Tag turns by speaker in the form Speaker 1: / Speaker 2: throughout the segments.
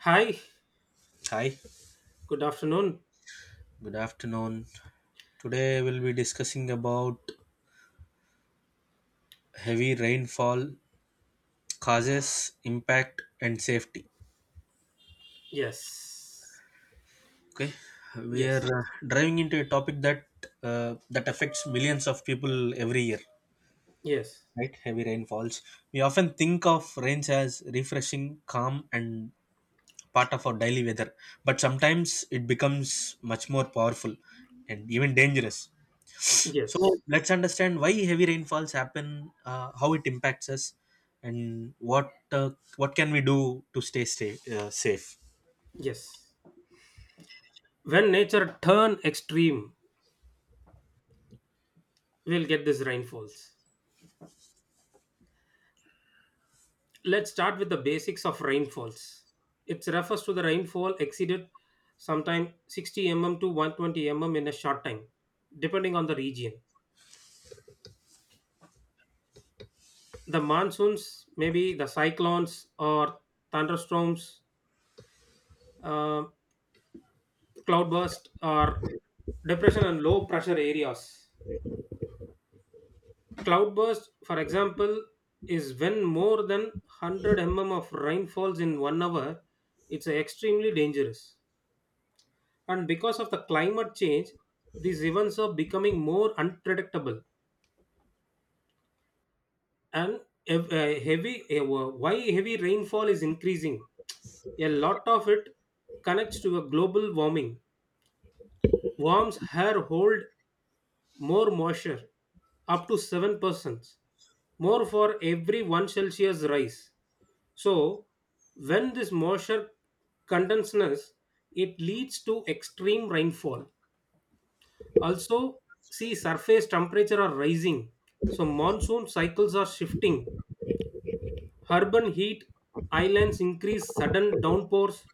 Speaker 1: Hi,
Speaker 2: Hi,
Speaker 1: good afternoon.
Speaker 2: good afternoon. Today we'll be discussing about heavy rainfall causes, impact, and safety.
Speaker 1: Yes,
Speaker 2: Okay, we are
Speaker 1: yes,
Speaker 2: driving into a topic that that affects millions of people every year.
Speaker 1: yes,
Speaker 2: Right, heavy rainfalls. We often think of rains as refreshing, calm, and part of our daily weather, but sometimes it becomes much more powerful and even dangerous. So
Speaker 1: yes,
Speaker 2: let's understand why heavy rainfalls happen, how it impacts us, and what can we do to stay safe.
Speaker 1: yes. When nature turn extreme, we'll get these rainfalls. Let's start with the basics of rainfalls. It refers to the rainfall exceeded sometime 60 mm to 120 mm in a short time, depending on the region. The monsoons, maybe the cyclones or thunderstorms, uh, cloudburst or depression and low pressure areas. Cloudburst, for example, is when more than 100 mm of rain falls in 1 hour. It's extremely dangerous. And because of the climate change, these events are becoming more unpredictable. And why heavy rainfall is increasing? A lot of it connects to a global warming. Worms here hold more moisture, up to 7%, more for every 1 Celsius rise. So, when this moisture condenses, it leads to extreme rainfall. Also, see surface temperature are rising. So, monsoon cycles are shifting. Urban heat islands increase sudden downpours.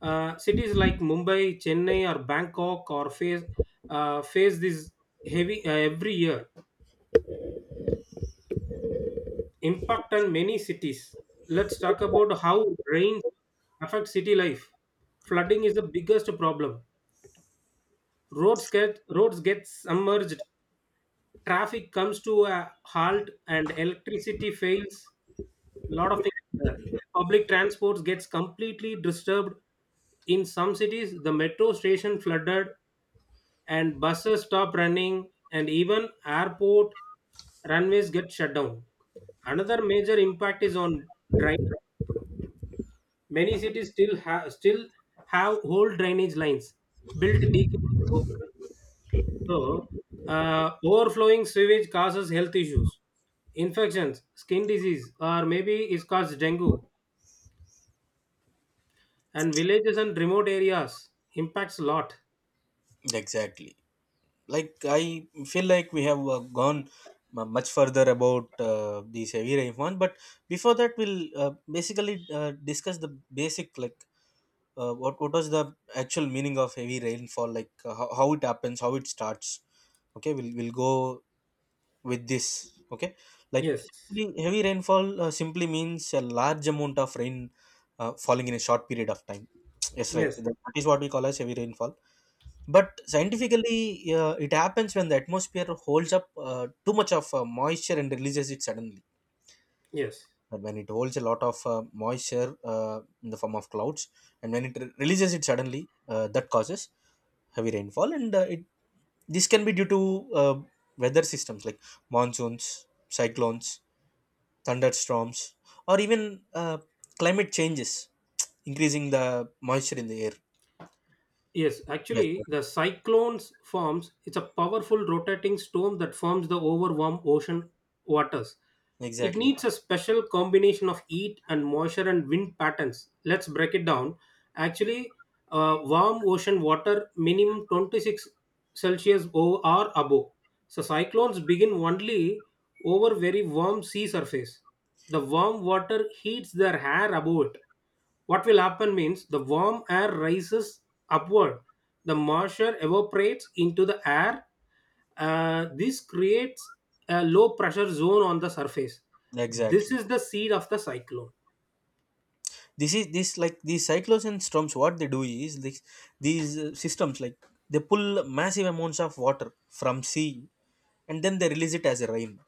Speaker 1: Cities like Mumbai, Chennai, or Bangkok or face this heavy every year. Impact on many cities. Let's talk about how rain affects city life. Flooding is the biggest problem. Roads get submerged, traffic comes to a halt, and electricity fails. A lot of things there. Public transports gets completely disturbed. In some cities, the metro station flooded, and buses stop running and even airport runways get shut down. Another major impact is on drainage. Many cities still have whole drainage lines built decades ago. So, overflowing sewage causes health issues, infections, skin disease, or maybe it causes dengue. And villages and remote areas impacts a lot.
Speaker 2: Exactly. Like I feel like we have gone much further about these heavy rainfall, but before that, we'll basically discuss the basic, like what was the actual meaning of heavy rainfall, like how it happens, how it starts. Okay, we'll go with this, okay. Like actually
Speaker 1: Yes,
Speaker 2: heavy rainfall simply means a large amount of rain falling in a short period of time. Yes, right,
Speaker 1: yes,
Speaker 2: that is what we call as heavy rainfall. But scientifically, it happens when the atmosphere holds up too much of moisture and releases it suddenly.
Speaker 1: yes.
Speaker 2: And when it holds a lot of moisture in the form of clouds, and when it releases it suddenly, that causes heavy rainfall. And it, this can be due to uh, weather systems like monsoons, cyclones, thunderstorms, or even climate changes, increasing the moisture in the air.
Speaker 1: Yes,
Speaker 2: Yes, sir.
Speaker 1: actually, the cyclones forms. It's a powerful rotating storm that forms the over warm ocean waters. It
Speaker 2: Exactly,
Speaker 1: needs a special combination of heat and moisture and wind patterns. Let's break it down. Actually, warm ocean water minimum 26 Celsius or above. So cyclones begin only over very warm sea surface. The warm water heats their hair above it. What will happen means the warm air rises upward, the moisture evaporates into the air. This creates a low pressure zone on the surface. This
Speaker 2: exactly.
Speaker 1: is the seed of the cyclone.
Speaker 2: This is this like these cyclones and storms. What they do is this, these systems like, they pull massive amounts of water from sea and then they release it as a rain.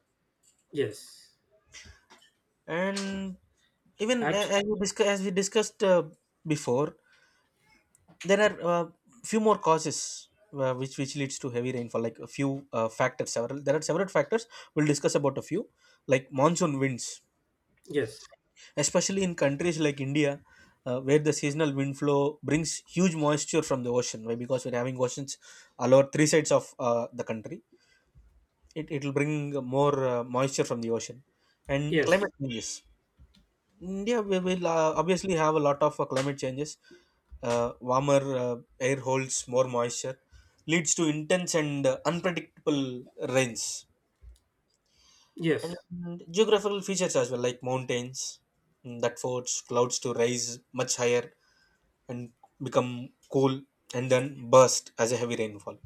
Speaker 1: Yes.
Speaker 2: And even
Speaker 1: Actually,
Speaker 2: as we discuss, as we discussed before, there are few more causes which leads to heavy rainfall, like a few factors. Several, there are several factors. We'll discuss about a few, like monsoon winds,
Speaker 1: yes.
Speaker 2: especially in countries like India, where the seasonal wind flow brings huge moisture from the ocean, why, because we're having oceans all over three sides of the country. It will bring more moisture from the ocean. And
Speaker 1: Yes.
Speaker 2: climate changes, India we will obviously have a lot of climate changes. Warmer air holds more moisture, leads to intense and unpredictable rains.
Speaker 1: Yes.
Speaker 2: And geographical features as well, like mountains, that force clouds to rise much higher and become cool and then burst as a heavy rainfall.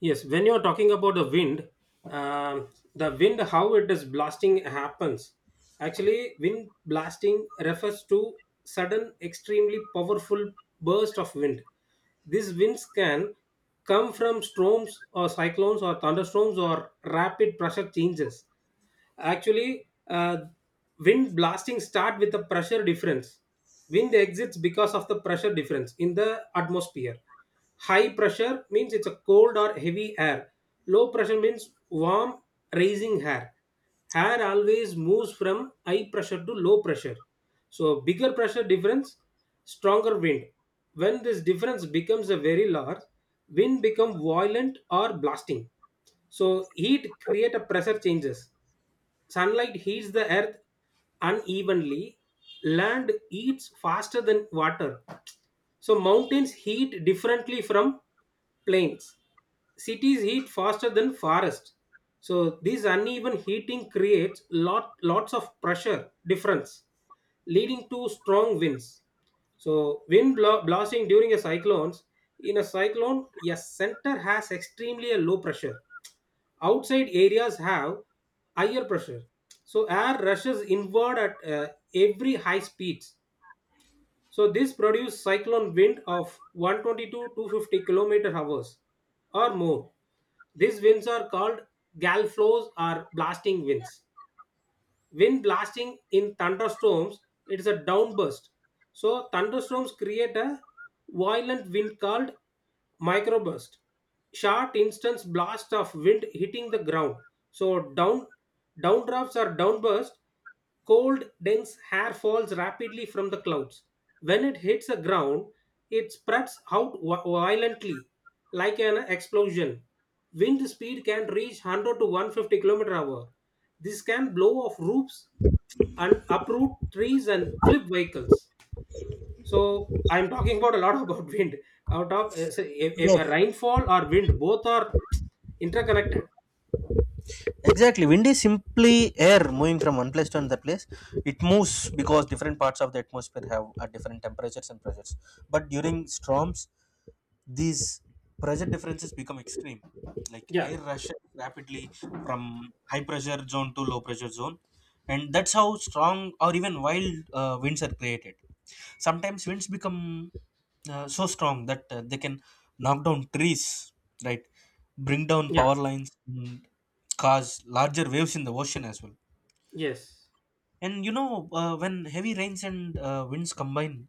Speaker 1: Yes, when you're talking about um, the wind, how it is blasting happens. Actually, wind blasting refers to sudden, extremely powerful burst of wind. These winds can come from storms or cyclones or thunderstorms or rapid pressure changes. Actually, wind blasting start with the pressure difference. Wind exits because of the pressure difference in the atmosphere. High pressure means it's a cold or heavy air. Low pressure means warm, raising air. Air always moves from high pressure to low pressure. So bigger pressure difference, stronger wind. When this difference becomes a very large, wind become violent or blasting. So heat create a pressure changes. Sunlight heats the earth unevenly. Land heats faster than water. So mountains heat differently from plains. Cities heat faster than forests. So this uneven heating creates lots of pressure difference, leading to strong winds. So blasting during a cyclones. In a cyclone, a center has extremely a low pressure, outside areas have higher pressure, so air rushes inward at every high speeds. So this produces cyclone wind of 122 to 250 kilometer hours or more. These winds are called gale flows or blasting winds. When blasting in thunderstorms, it is a downburst. So thunderstorms create a violent wind called microburst. Short instance blast of wind hitting the ground. So downdrafts or downburst. Cold, dense hair falls rapidly from the clouds. When it hits the ground, it spreads out violently, like an explosion. Wind speed can reach 100 to 150 km hour. This can blow off roofs and uproot trees and flip vehicles. So I'm talking about a lot about wind. Out of say, a, a-
Speaker 2: Yes,
Speaker 1: a rainfall or wind, both are interconnected.
Speaker 2: exactly. Wind is simply air moving from one place to another place. It moves because different parts of the atmosphere have at different temperatures and pressures. But during storms, these pressure differences become extreme. Like
Speaker 1: Yeah,
Speaker 2: air rushes rapidly from high pressure zone to low pressure zone. And that's how strong or even wild winds are created. Sometimes winds become so strong that they can knock down trees, right? Bring down
Speaker 1: yeah,
Speaker 2: power lines, cause larger waves in the ocean as well.
Speaker 1: yes,
Speaker 2: And you know, when heavy rains and winds combine,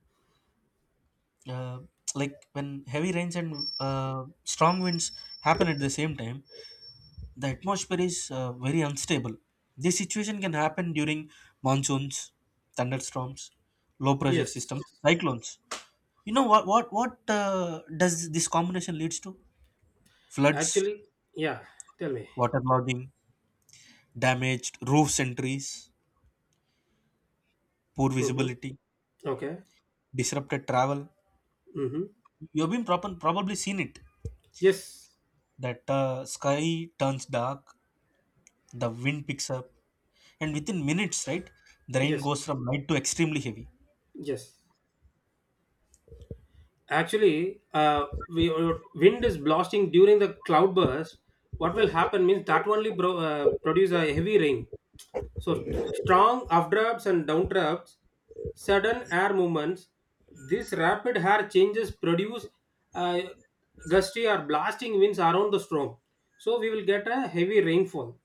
Speaker 2: uh, like when heavy rains and strong winds happen at the same time, the atmosphere is very unstable. This situation can happen during monsoons, thunderstorms, low pressure systems,
Speaker 1: yes.
Speaker 2: cyclones. You know what? Does this combination leads to? Floods,
Speaker 1: Actually, yeah, tell me.
Speaker 2: waterlogging, damaged roofs and trees, poor
Speaker 1: Mm-hmm.
Speaker 2: visibility,
Speaker 1: Okay.
Speaker 2: disrupted travel.
Speaker 1: Mm-hmm.
Speaker 2: You've been probably seen it.
Speaker 1: Yes.
Speaker 2: That sky turns dark, the wind picks up, and within minutes, right, the rain
Speaker 1: Yes.
Speaker 2: goes from light to extremely heavy.
Speaker 1: Yes. Actually, we wind is blasting during the cloudburst. What will happen means that only produce a heavy rain. So strong updrafts and downdrafts, sudden air movements. This rapid air changes produce uh, gusty or blasting winds around the storm. So we will get a heavy rainfall.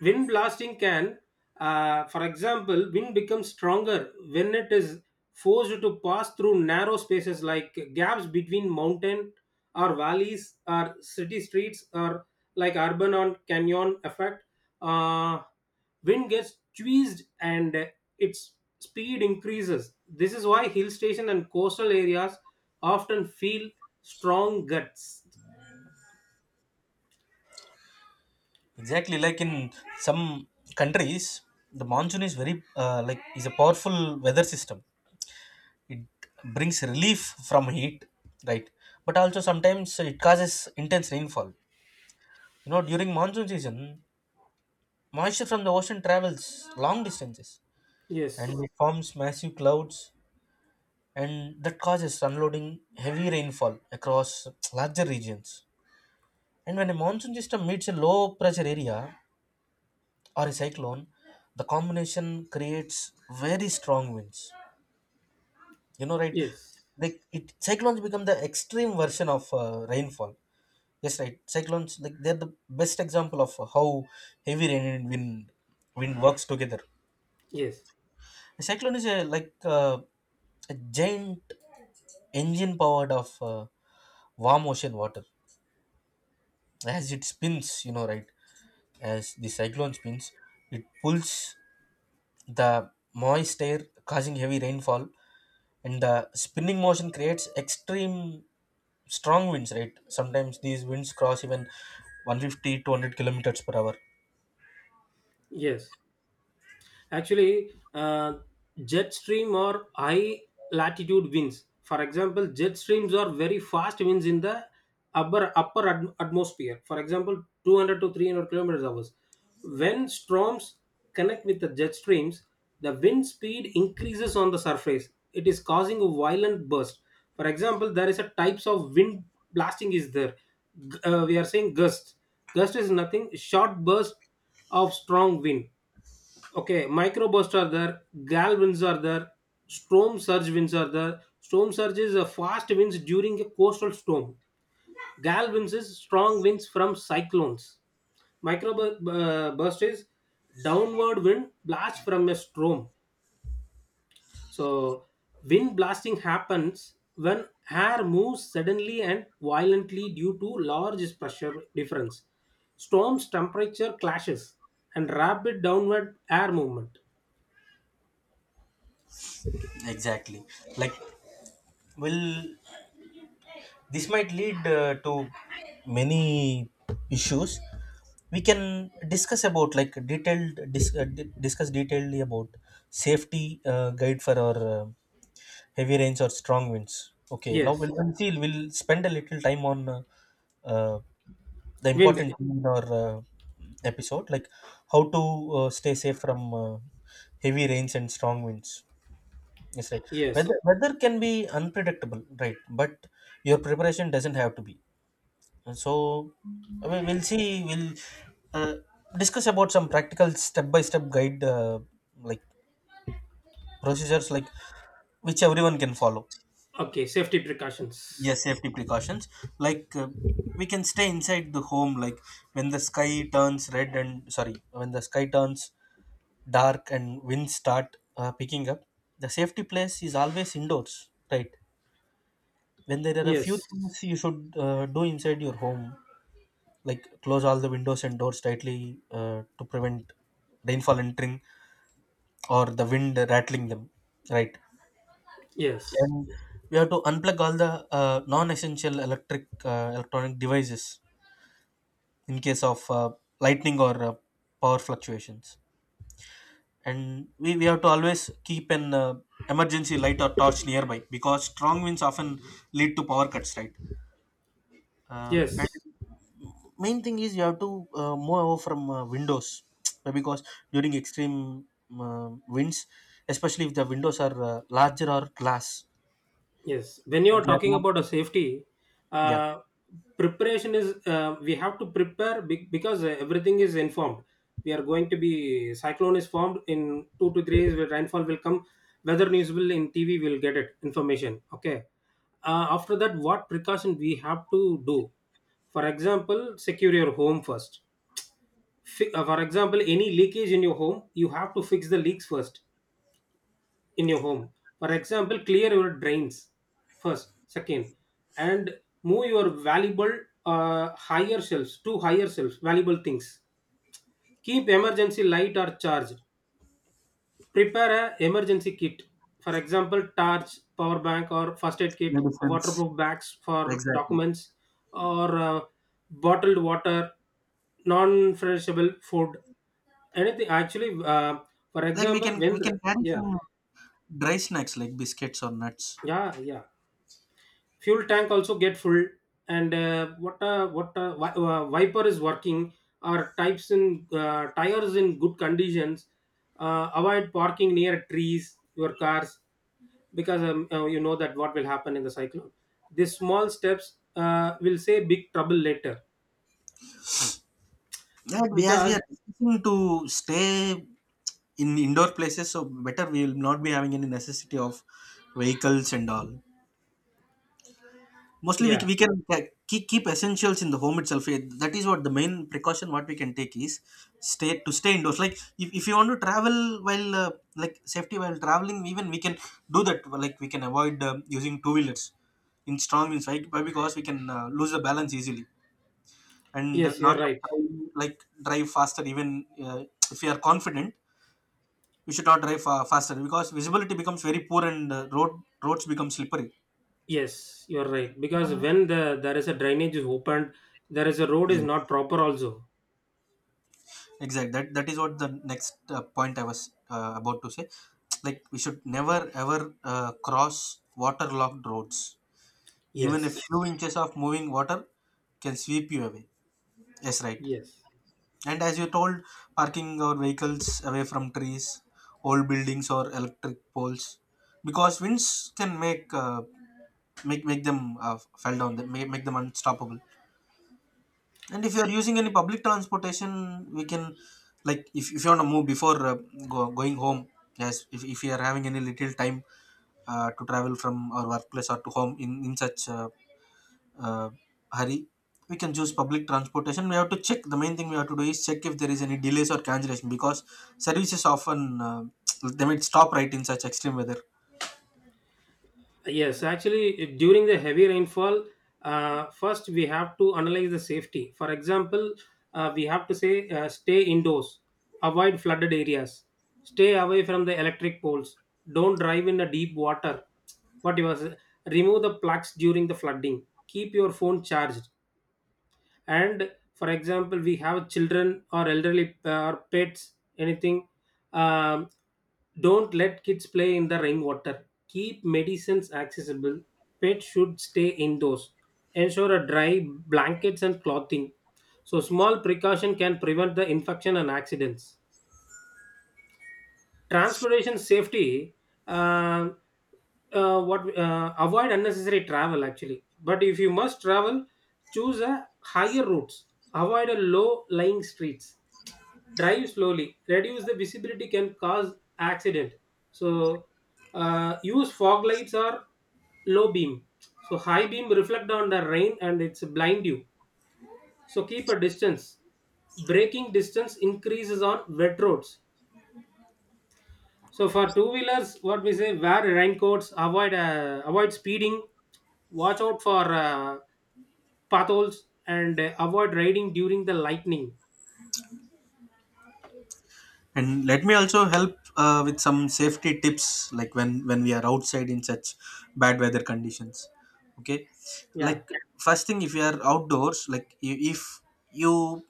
Speaker 1: Wind blasting can, for example, wind becomes stronger when it is forced to pass through narrow spaces like gaps between mountain or valleys or city streets, or like urban or canyon effect. uh, Wind gets tweezed and its speed increases. This is why hill station and coastal areas often feel strong gusts.
Speaker 2: Exactly, like in some countries, the monsoon is very like, is a powerful weather system. It brings relief from heat, right? But also sometimes it causes intense rainfall. You know, during monsoon season, moisture from the ocean travels long distances, and
Speaker 1: Yes,
Speaker 2: it forms massive clouds, and that causes unloading heavy rainfall across larger regions. And when a monsoon system meets a low pressure area or a cyclone, the combination creates very strong winds. You know, right?
Speaker 1: yes,
Speaker 2: Like it, cyclones become the extreme version of rainfall. Yes, right. Cyclones, like they're the best example of how heavy rain and wind works together.
Speaker 1: yes,
Speaker 2: A cyclone is a, like a giant engine powered of warm ocean water. As it spins, you know, right, as the cyclone spins, it pulls the moist air, causing heavy rainfall. And the spinning motion creates extreme strong winds, right? Sometimes these winds cross even 150 to 100 kilometers per hour.
Speaker 1: yes. Actually, jet stream or high latitude winds. For example, jet streams are very fast winds in the upper atmosphere. For example, 200 to 300 kilometers hours. When storms connect with the jet streams, the wind speed increases on the surface. It is causing a violent burst. For example, there is a types of wind blasting is there. We are saying gust. Gust is nothing. Short burst of strong wind. Okay, microbursts are there, gale winds are there, storm surge winds are there. Storm surge is a fast winds during a coastal storm. Gale winds is strong winds from cyclones. Microburst is downward wind blast from a storm. So wind blasting happens when air moves suddenly and violently due to large pressure difference, storms, temperature clashes, and rapid downward air movement.
Speaker 2: Exactly, like, well, this might lead to many issues. We can discuss about like detailed discuss detailedly about safety guide for our heavy rains or strong winds. Okay, now
Speaker 1: Yes.
Speaker 2: we'll, until we'll spend a little time on uh, the important
Speaker 1: Wind.
Speaker 2: thing in our episode, like how to stay safe from heavy rains and strong winds. Yes, right,
Speaker 1: Yes.
Speaker 2: weather can be unpredictable, right? But your preparation doesn't have to be. So I mean, we'll see, we'll uh, discuss about some practical step by step guide, like procedures, like which everyone can follow.
Speaker 1: Okay. Safety
Speaker 2: Yeah,
Speaker 1: precautions.
Speaker 2: safety precautions. Like we can stay inside the home. Like when the sky turns red, and sorry, when the sky turns dark and winds start picking up, the safety place is always indoors, right? When there are a few
Speaker 1: Yes.
Speaker 2: things you should do inside your home, like close all the windows and doors tightly to prevent rainfall entering or the wind rattling them, right? And
Speaker 1: Yes.
Speaker 2: we have to unplug all the non-essential electric electronic devices in case of lightning or power fluctuations. And we have to always keep an emergency light or torch nearby, because strong winds often lead to power cuts, right? And
Speaker 1: Yes.
Speaker 2: main thing is you have to move over from windows, because during extreme winds, especially if the windows are larger or glass,
Speaker 1: Yes. When you are
Speaker 2: they are
Speaker 1: talking
Speaker 2: not,
Speaker 1: about a safety,
Speaker 2: yeah.
Speaker 1: uh, preparation is, we have to prepare because everything is informed. We are going to be cyclone is formed in 2 to 3 days where rainfall will come. Weather news will in TV will get it information. Okay. After that, what precaution we have to do? For example, secure your home first. For example, any leakage in your home, you have to fix the leaks first in your home. For example, clear your drains first. Second, and move your valuable, higher shelves, to higher shelves valuable things. Keep emergency light or charged. Prepare a emergency kit. For example, torch, power bank, or first aid kit,
Speaker 2: Medicines,
Speaker 1: waterproof bags for
Speaker 2: exactly.
Speaker 1: documents, or bottled water, non-perishable food. Anything actually. For
Speaker 2: Like we can,
Speaker 1: example,
Speaker 2: we
Speaker 1: when,
Speaker 2: can carry
Speaker 1: yeah,
Speaker 2: some dry snacks like biscuits or nuts.
Speaker 1: yeah, yeah, fuel tank also get full. And wiper is working, our types in tires in good conditions. Avoid parking near trees your cars, because you know that what will happen in the cyclone. These small steps will say big trouble later
Speaker 2: Yeah, we, as we
Speaker 1: because
Speaker 2: are discussing to stay in indoor places, so better we will not be having any necessity of vehicles and all. Mostly, we,
Speaker 1: yeah.
Speaker 2: we can keep, keep essentials in the home itself. Eh, that is what the main precaution what we can take is, stay to stay indoors. Like if you want to travel while like safety while traveling, even we can do that. Like we can avoid using two wheelers in strong winds, right? Why? Because we can lose the balance easily, and
Speaker 1: Yes,
Speaker 2: not
Speaker 1: you're
Speaker 2: to
Speaker 1: right.
Speaker 2: try, like drive faster, even if we are confident. You should not drive faster because visibility becomes very poor and roads become slippery.
Speaker 1: Yes, you are right. Because when the there is a drainage is opened, there is a road is not
Speaker 2: Yes,
Speaker 1: proper also.
Speaker 2: exactly. That, that is what the next point I was about to say. Like we should never ever cross waterlogged roads. Even a few
Speaker 1: Yes.
Speaker 2: inches of moving water can sweep you away. Yes, right.
Speaker 1: Yes.
Speaker 2: And as you told, parking our vehicles away from trees, old buildings, or electric poles, because winds can make make them fall down, they may make them unstoppable. And if you are using any public transportation, we can, like, if you want to move before going home, yes, if you are having any little time to travel from our workplace or to home in such uh, hurry, we can choose public transportation. We have to check, the main thing we have to do is check if there is any delays or cancellation, because services often, they might stop, right, in such extreme weather.
Speaker 1: Yes, actually, during the heavy rainfall, first we have to analyze the safety. For example, we have to say, stay indoors, avoid flooded areas, stay away from the electric poles, don't drive in the deep water. What you was. Remove the plugs during the flooding, keep your phone charged. And for example we have children or elderly, or pets, anything. um, don't let kids play in the rainwater. Keep medicines accessible. Pets should stay indoors. Ensure a dry blankets and clothing. So small precaution can prevent the infection and accidents. Transportation safety. Uh, what Avoid unnecessary travel actually, but if you must travel, choose a higher routes. Avoid a low lying streets. Drive slowly. Reduce the visibility can cause accident. So use fog lights or low beam. So high beam reflect on the rain and it's blind you. So keep a distance. Braking distance increases on wet roads. So for two wheelers, what we say, wear raincoats, avoid speeding, watch out for potholes, and avoid riding during the lightning.
Speaker 2: And let me also help with some safety tips, like when we are outside in such bad weather conditions. Okay,
Speaker 1: Yeah.
Speaker 2: like first thing, if you are outdoors, like if you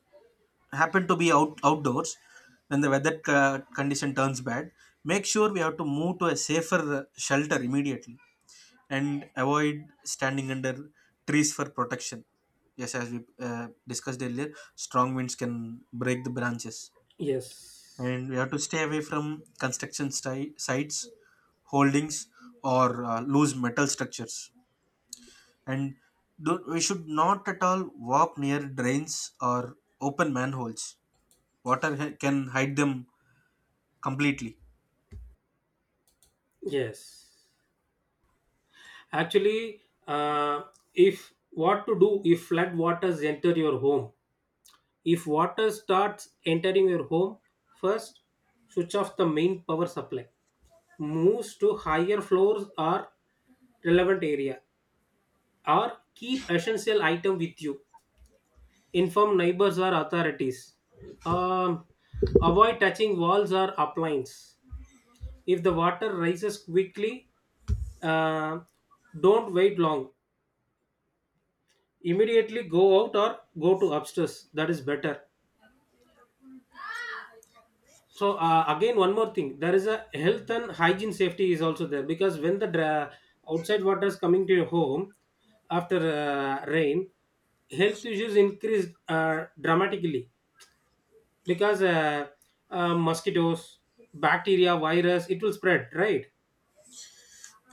Speaker 2: happen to be out outdoors when the weather condition turns bad, make sure we have to move to a safer shelter immediately and avoid standing under trees for protection. Yes, as we discussed earlier, strong winds can break the branches,
Speaker 1: Yes.
Speaker 2: and we have to stay away from construction sites, holdings, or loose metal structures. And do, we should not at all walk near drains or open manholes. Water can hide them completely.
Speaker 1: Yes. Actually, if what to do if flood waters enter your home? If water starts entering your home, first switch off the main power supply. Moves to higher floors or relevant area, or keep essential item with you. Inform neighbors or authorities. um, Avoid touching walls or appliances. If the water rises quickly, uh, don't wait long, immediately go out or go to upstairs. That is better. So, again one more thing, there is a health and hygiene safety is also there. Because when the outside water is coming to your home after rain, health issues increase dramatically. Because mosquitoes, bacteria, virus, it will spread, right?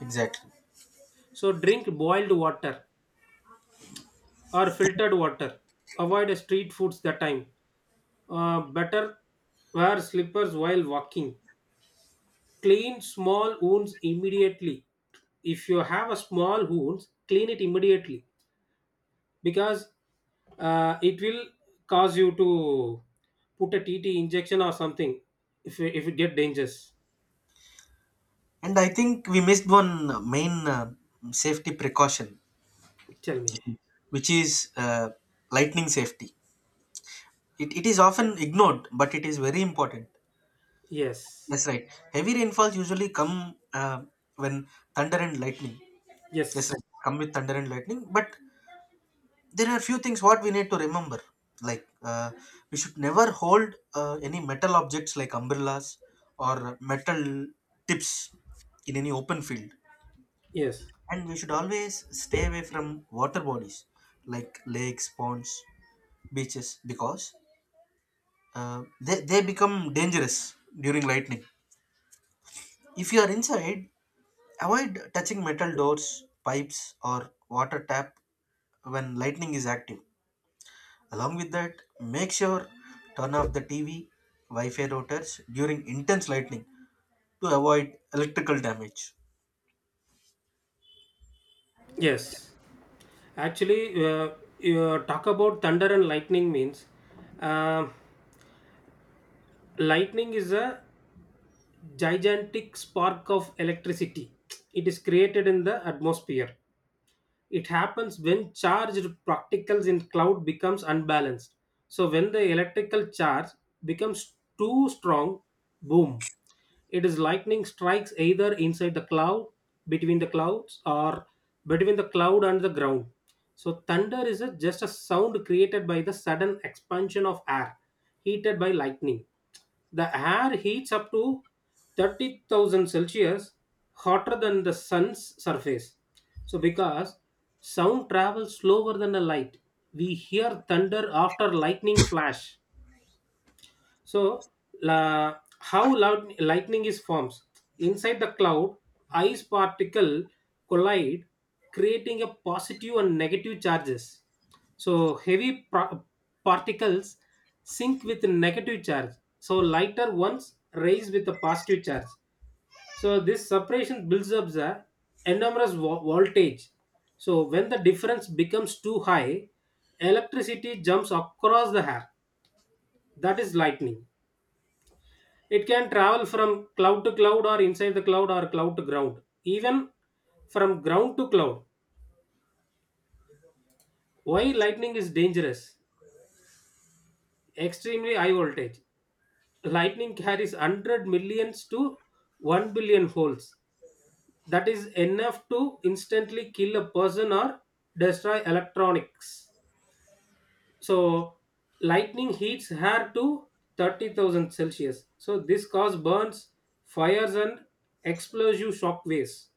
Speaker 2: Exactly,
Speaker 1: So drink boiled water or filtered water. Avoid street foods that time. Better wear slippers while walking. Clean small wounds immediately. If you have a small wounds, clean it immediately. Because it will cause you to put a tt injection or something if it get dangerous.
Speaker 2: and I think we missed one main safety precaution,
Speaker 1: Tell me.
Speaker 2: which is lightning safety. It is often ignored, but it is very important.
Speaker 1: Yes,
Speaker 2: Yes, right. Heavy rainfalls usually come when thunder and lightning. Yes, right.
Speaker 1: yes.
Speaker 2: Come with thunder and lightning. But there are few things what we need to remember. Like we should never hold any metal objects like umbrellas or metal tips in any open field.
Speaker 1: Yes,
Speaker 2: And we should always stay away from water bodies like lakes, ponds, beaches, because they become dangerous during lightning. If you are inside, avoid touching metal doors, pipes, or water tap when lightning is active. Along with that, make sure turn off the TV, Wi-Fi routers during intense lightning to avoid electrical damage.
Speaker 1: yes. Actually, you talk about thunder and lightning means, uh, lightning is a gigantic spark of electricity. It is created in the atmosphere. It happens when charged particles in cloud becomes unbalanced. So when the electrical charge becomes too strong, boom, it is lightning strikes either inside the cloud, between the clouds, or between the cloud and the ground. So thunder is a, just a sound created by the sudden expansion of air heated by lightning. The air heats up to 30,000 Celsius, hotter than the sun's surface. So because sound travels slower than the light, we hear thunder after lightning flash. So, how loud lightning is forms inside the cloud, ice particle collide, creating a positive and negative charges. So, heavy particles sink with negative charge. So, lighter ones raise with a positive charge. So, this separation builds up the enormous voltage. So, when the difference becomes too high, electricity jumps across the hair. That is lightning. It can travel from cloud to cloud or inside the cloud or cloud to ground, even from ground to cloud. Why lightning is dangerous? Extremely high voltage. Lightning carries 100 millions to 1 billion volts. That is enough to instantly kill a person or destroy electronics. So, lightning heats hair to 30,000 Celsius. So, this cause burns, fires, and explosive shock waves.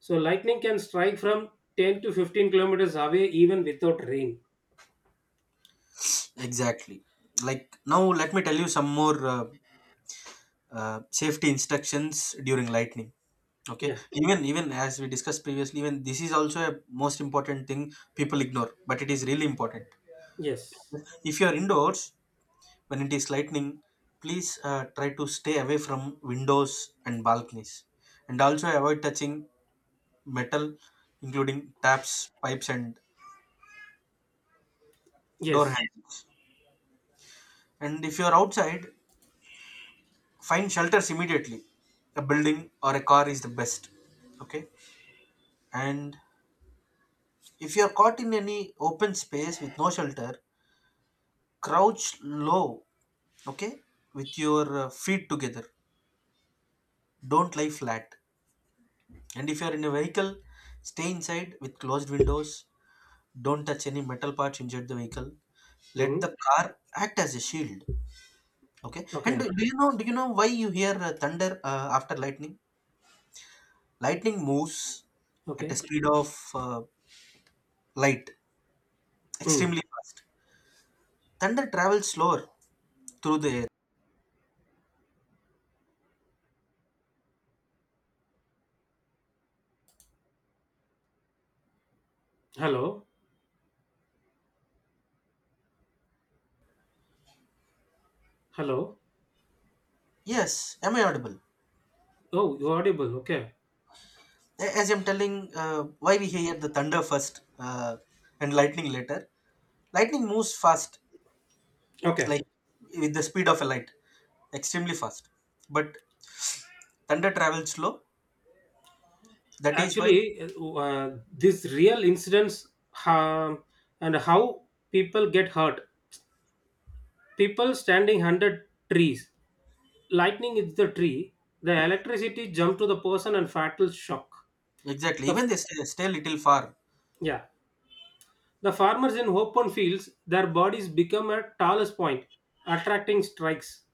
Speaker 1: So lightning can strike from 10 to 15 kilometers away even without rain.
Speaker 2: Exactly. Like now, let me tell you some more safety instructions during lightning. Okay.
Speaker 1: Yeah.
Speaker 2: Even, even as we discussed previously, even this is also a most important thing people ignore, but it is really important.
Speaker 1: Yes.
Speaker 2: If you are indoors, when it is lightning, please try to stay away from windows and balconies, and also avoid touching metal, including taps, pipes, and door
Speaker 1: Yes.
Speaker 2: handles. And if you are outside, find shelters immediately, a building or a car is the best, okay? And if you are caught in any open space with no shelter, crouch low, okay, with your feet together. Don't lie flat. And if you are in a vehicle, stay inside with closed windows. Don't touch any metal parts inside the vehicle. Let the
Speaker 1: Mm-hmm.
Speaker 2: car act as a shield. Okay. And do,
Speaker 1: Okay.
Speaker 2: do you know? Do you know why you hear thunder after lightning? Lightning moves at a
Speaker 1: Okay.
Speaker 2: speed of light,
Speaker 1: Mm.
Speaker 2: extremely fast. Thunder travels slower through the air.
Speaker 1: Hello. Hello.
Speaker 2: Yes. Am I audible?
Speaker 1: Oh, you're audible. Okay.
Speaker 2: A- as I'm telling, why we hear the thunder first and lightning later. Lightning moves fast,
Speaker 1: Okay.
Speaker 2: like with the speed of a light, extremely fast. But thunder travels slow. That is why,
Speaker 1: Actually, these real incidents, um, and how people get hurt. People standing under trees. Lightning is the tree. The electricity jump to the person and fatal shock.
Speaker 2: exactly,
Speaker 1: The
Speaker 2: even
Speaker 1: f-
Speaker 2: they stay, little far.
Speaker 1: yeah. The farmers in open fields, their bodies become at tallest point, attracting strikes.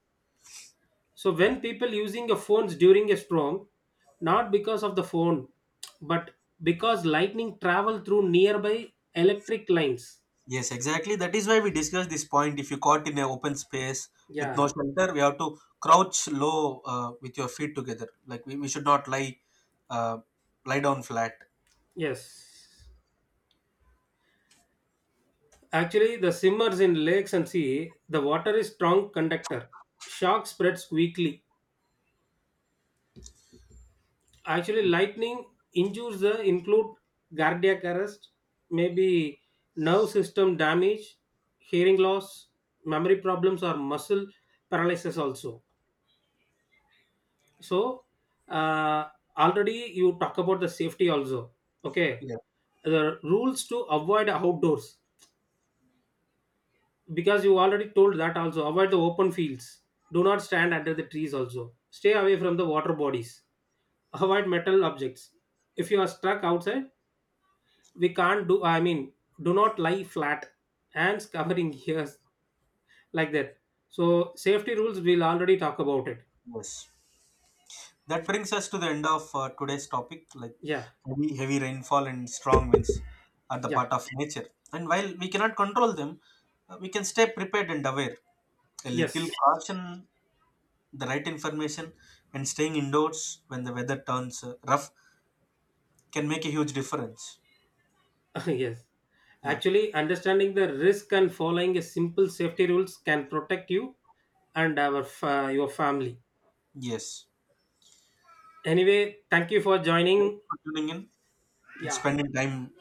Speaker 1: So when people using a phones during a storm, not because of the phone, but because lightning travel through nearby electric lines.
Speaker 2: Yes, exactly. That is why we discussed this point. If you caught in an open space with
Speaker 1: Yeah.
Speaker 2: no shelter, we have to crouch low with your feet together. Like we should not lie, uh, down flat.
Speaker 1: Yes. Actually, the simmers in lakes and sea, the water is strong conductor. Shock spreads quickly. Actually, lightning injures include cardiac arrest, maybe nerve system damage, hearing loss, memory problems, or muscle paralysis also. So, uh, already you talk about the safety also. Okay,
Speaker 2: Yeah.
Speaker 1: the rules to avoid outdoors because you already told that also. Avoid the open fields. Do not stand under the trees also. Stay away from the water bodies. Avoid metal objects. If you are stuck outside, we can't do, I mean, do not lie flat, hands covering ears, like that. So safety rules we'll already talk about it.
Speaker 2: Yes. That brings us to the end of today's topic, like
Speaker 1: Yeah.
Speaker 2: heavy, heavy rainfall and strong winds are the
Speaker 1: Yeah.
Speaker 2: part of nature. And while we cannot control them, we can stay prepared and aware. A little
Speaker 1: Yes.
Speaker 2: caution, the right information, and staying indoors when the weather turns rough can make a huge difference.
Speaker 1: Yes,
Speaker 2: Yeah.
Speaker 1: actually, understanding the risk and following a simple safety rules can protect you and our your family.
Speaker 2: Yes.
Speaker 1: Anyway, thank you for
Speaker 2: Thanks
Speaker 1: joining.
Speaker 2: for tuning in and
Speaker 1: Yeah.
Speaker 2: spending time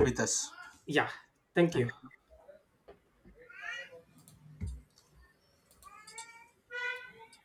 Speaker 2: with us.
Speaker 1: Yeah. Thank
Speaker 2: Thank
Speaker 1: you.
Speaker 2: you.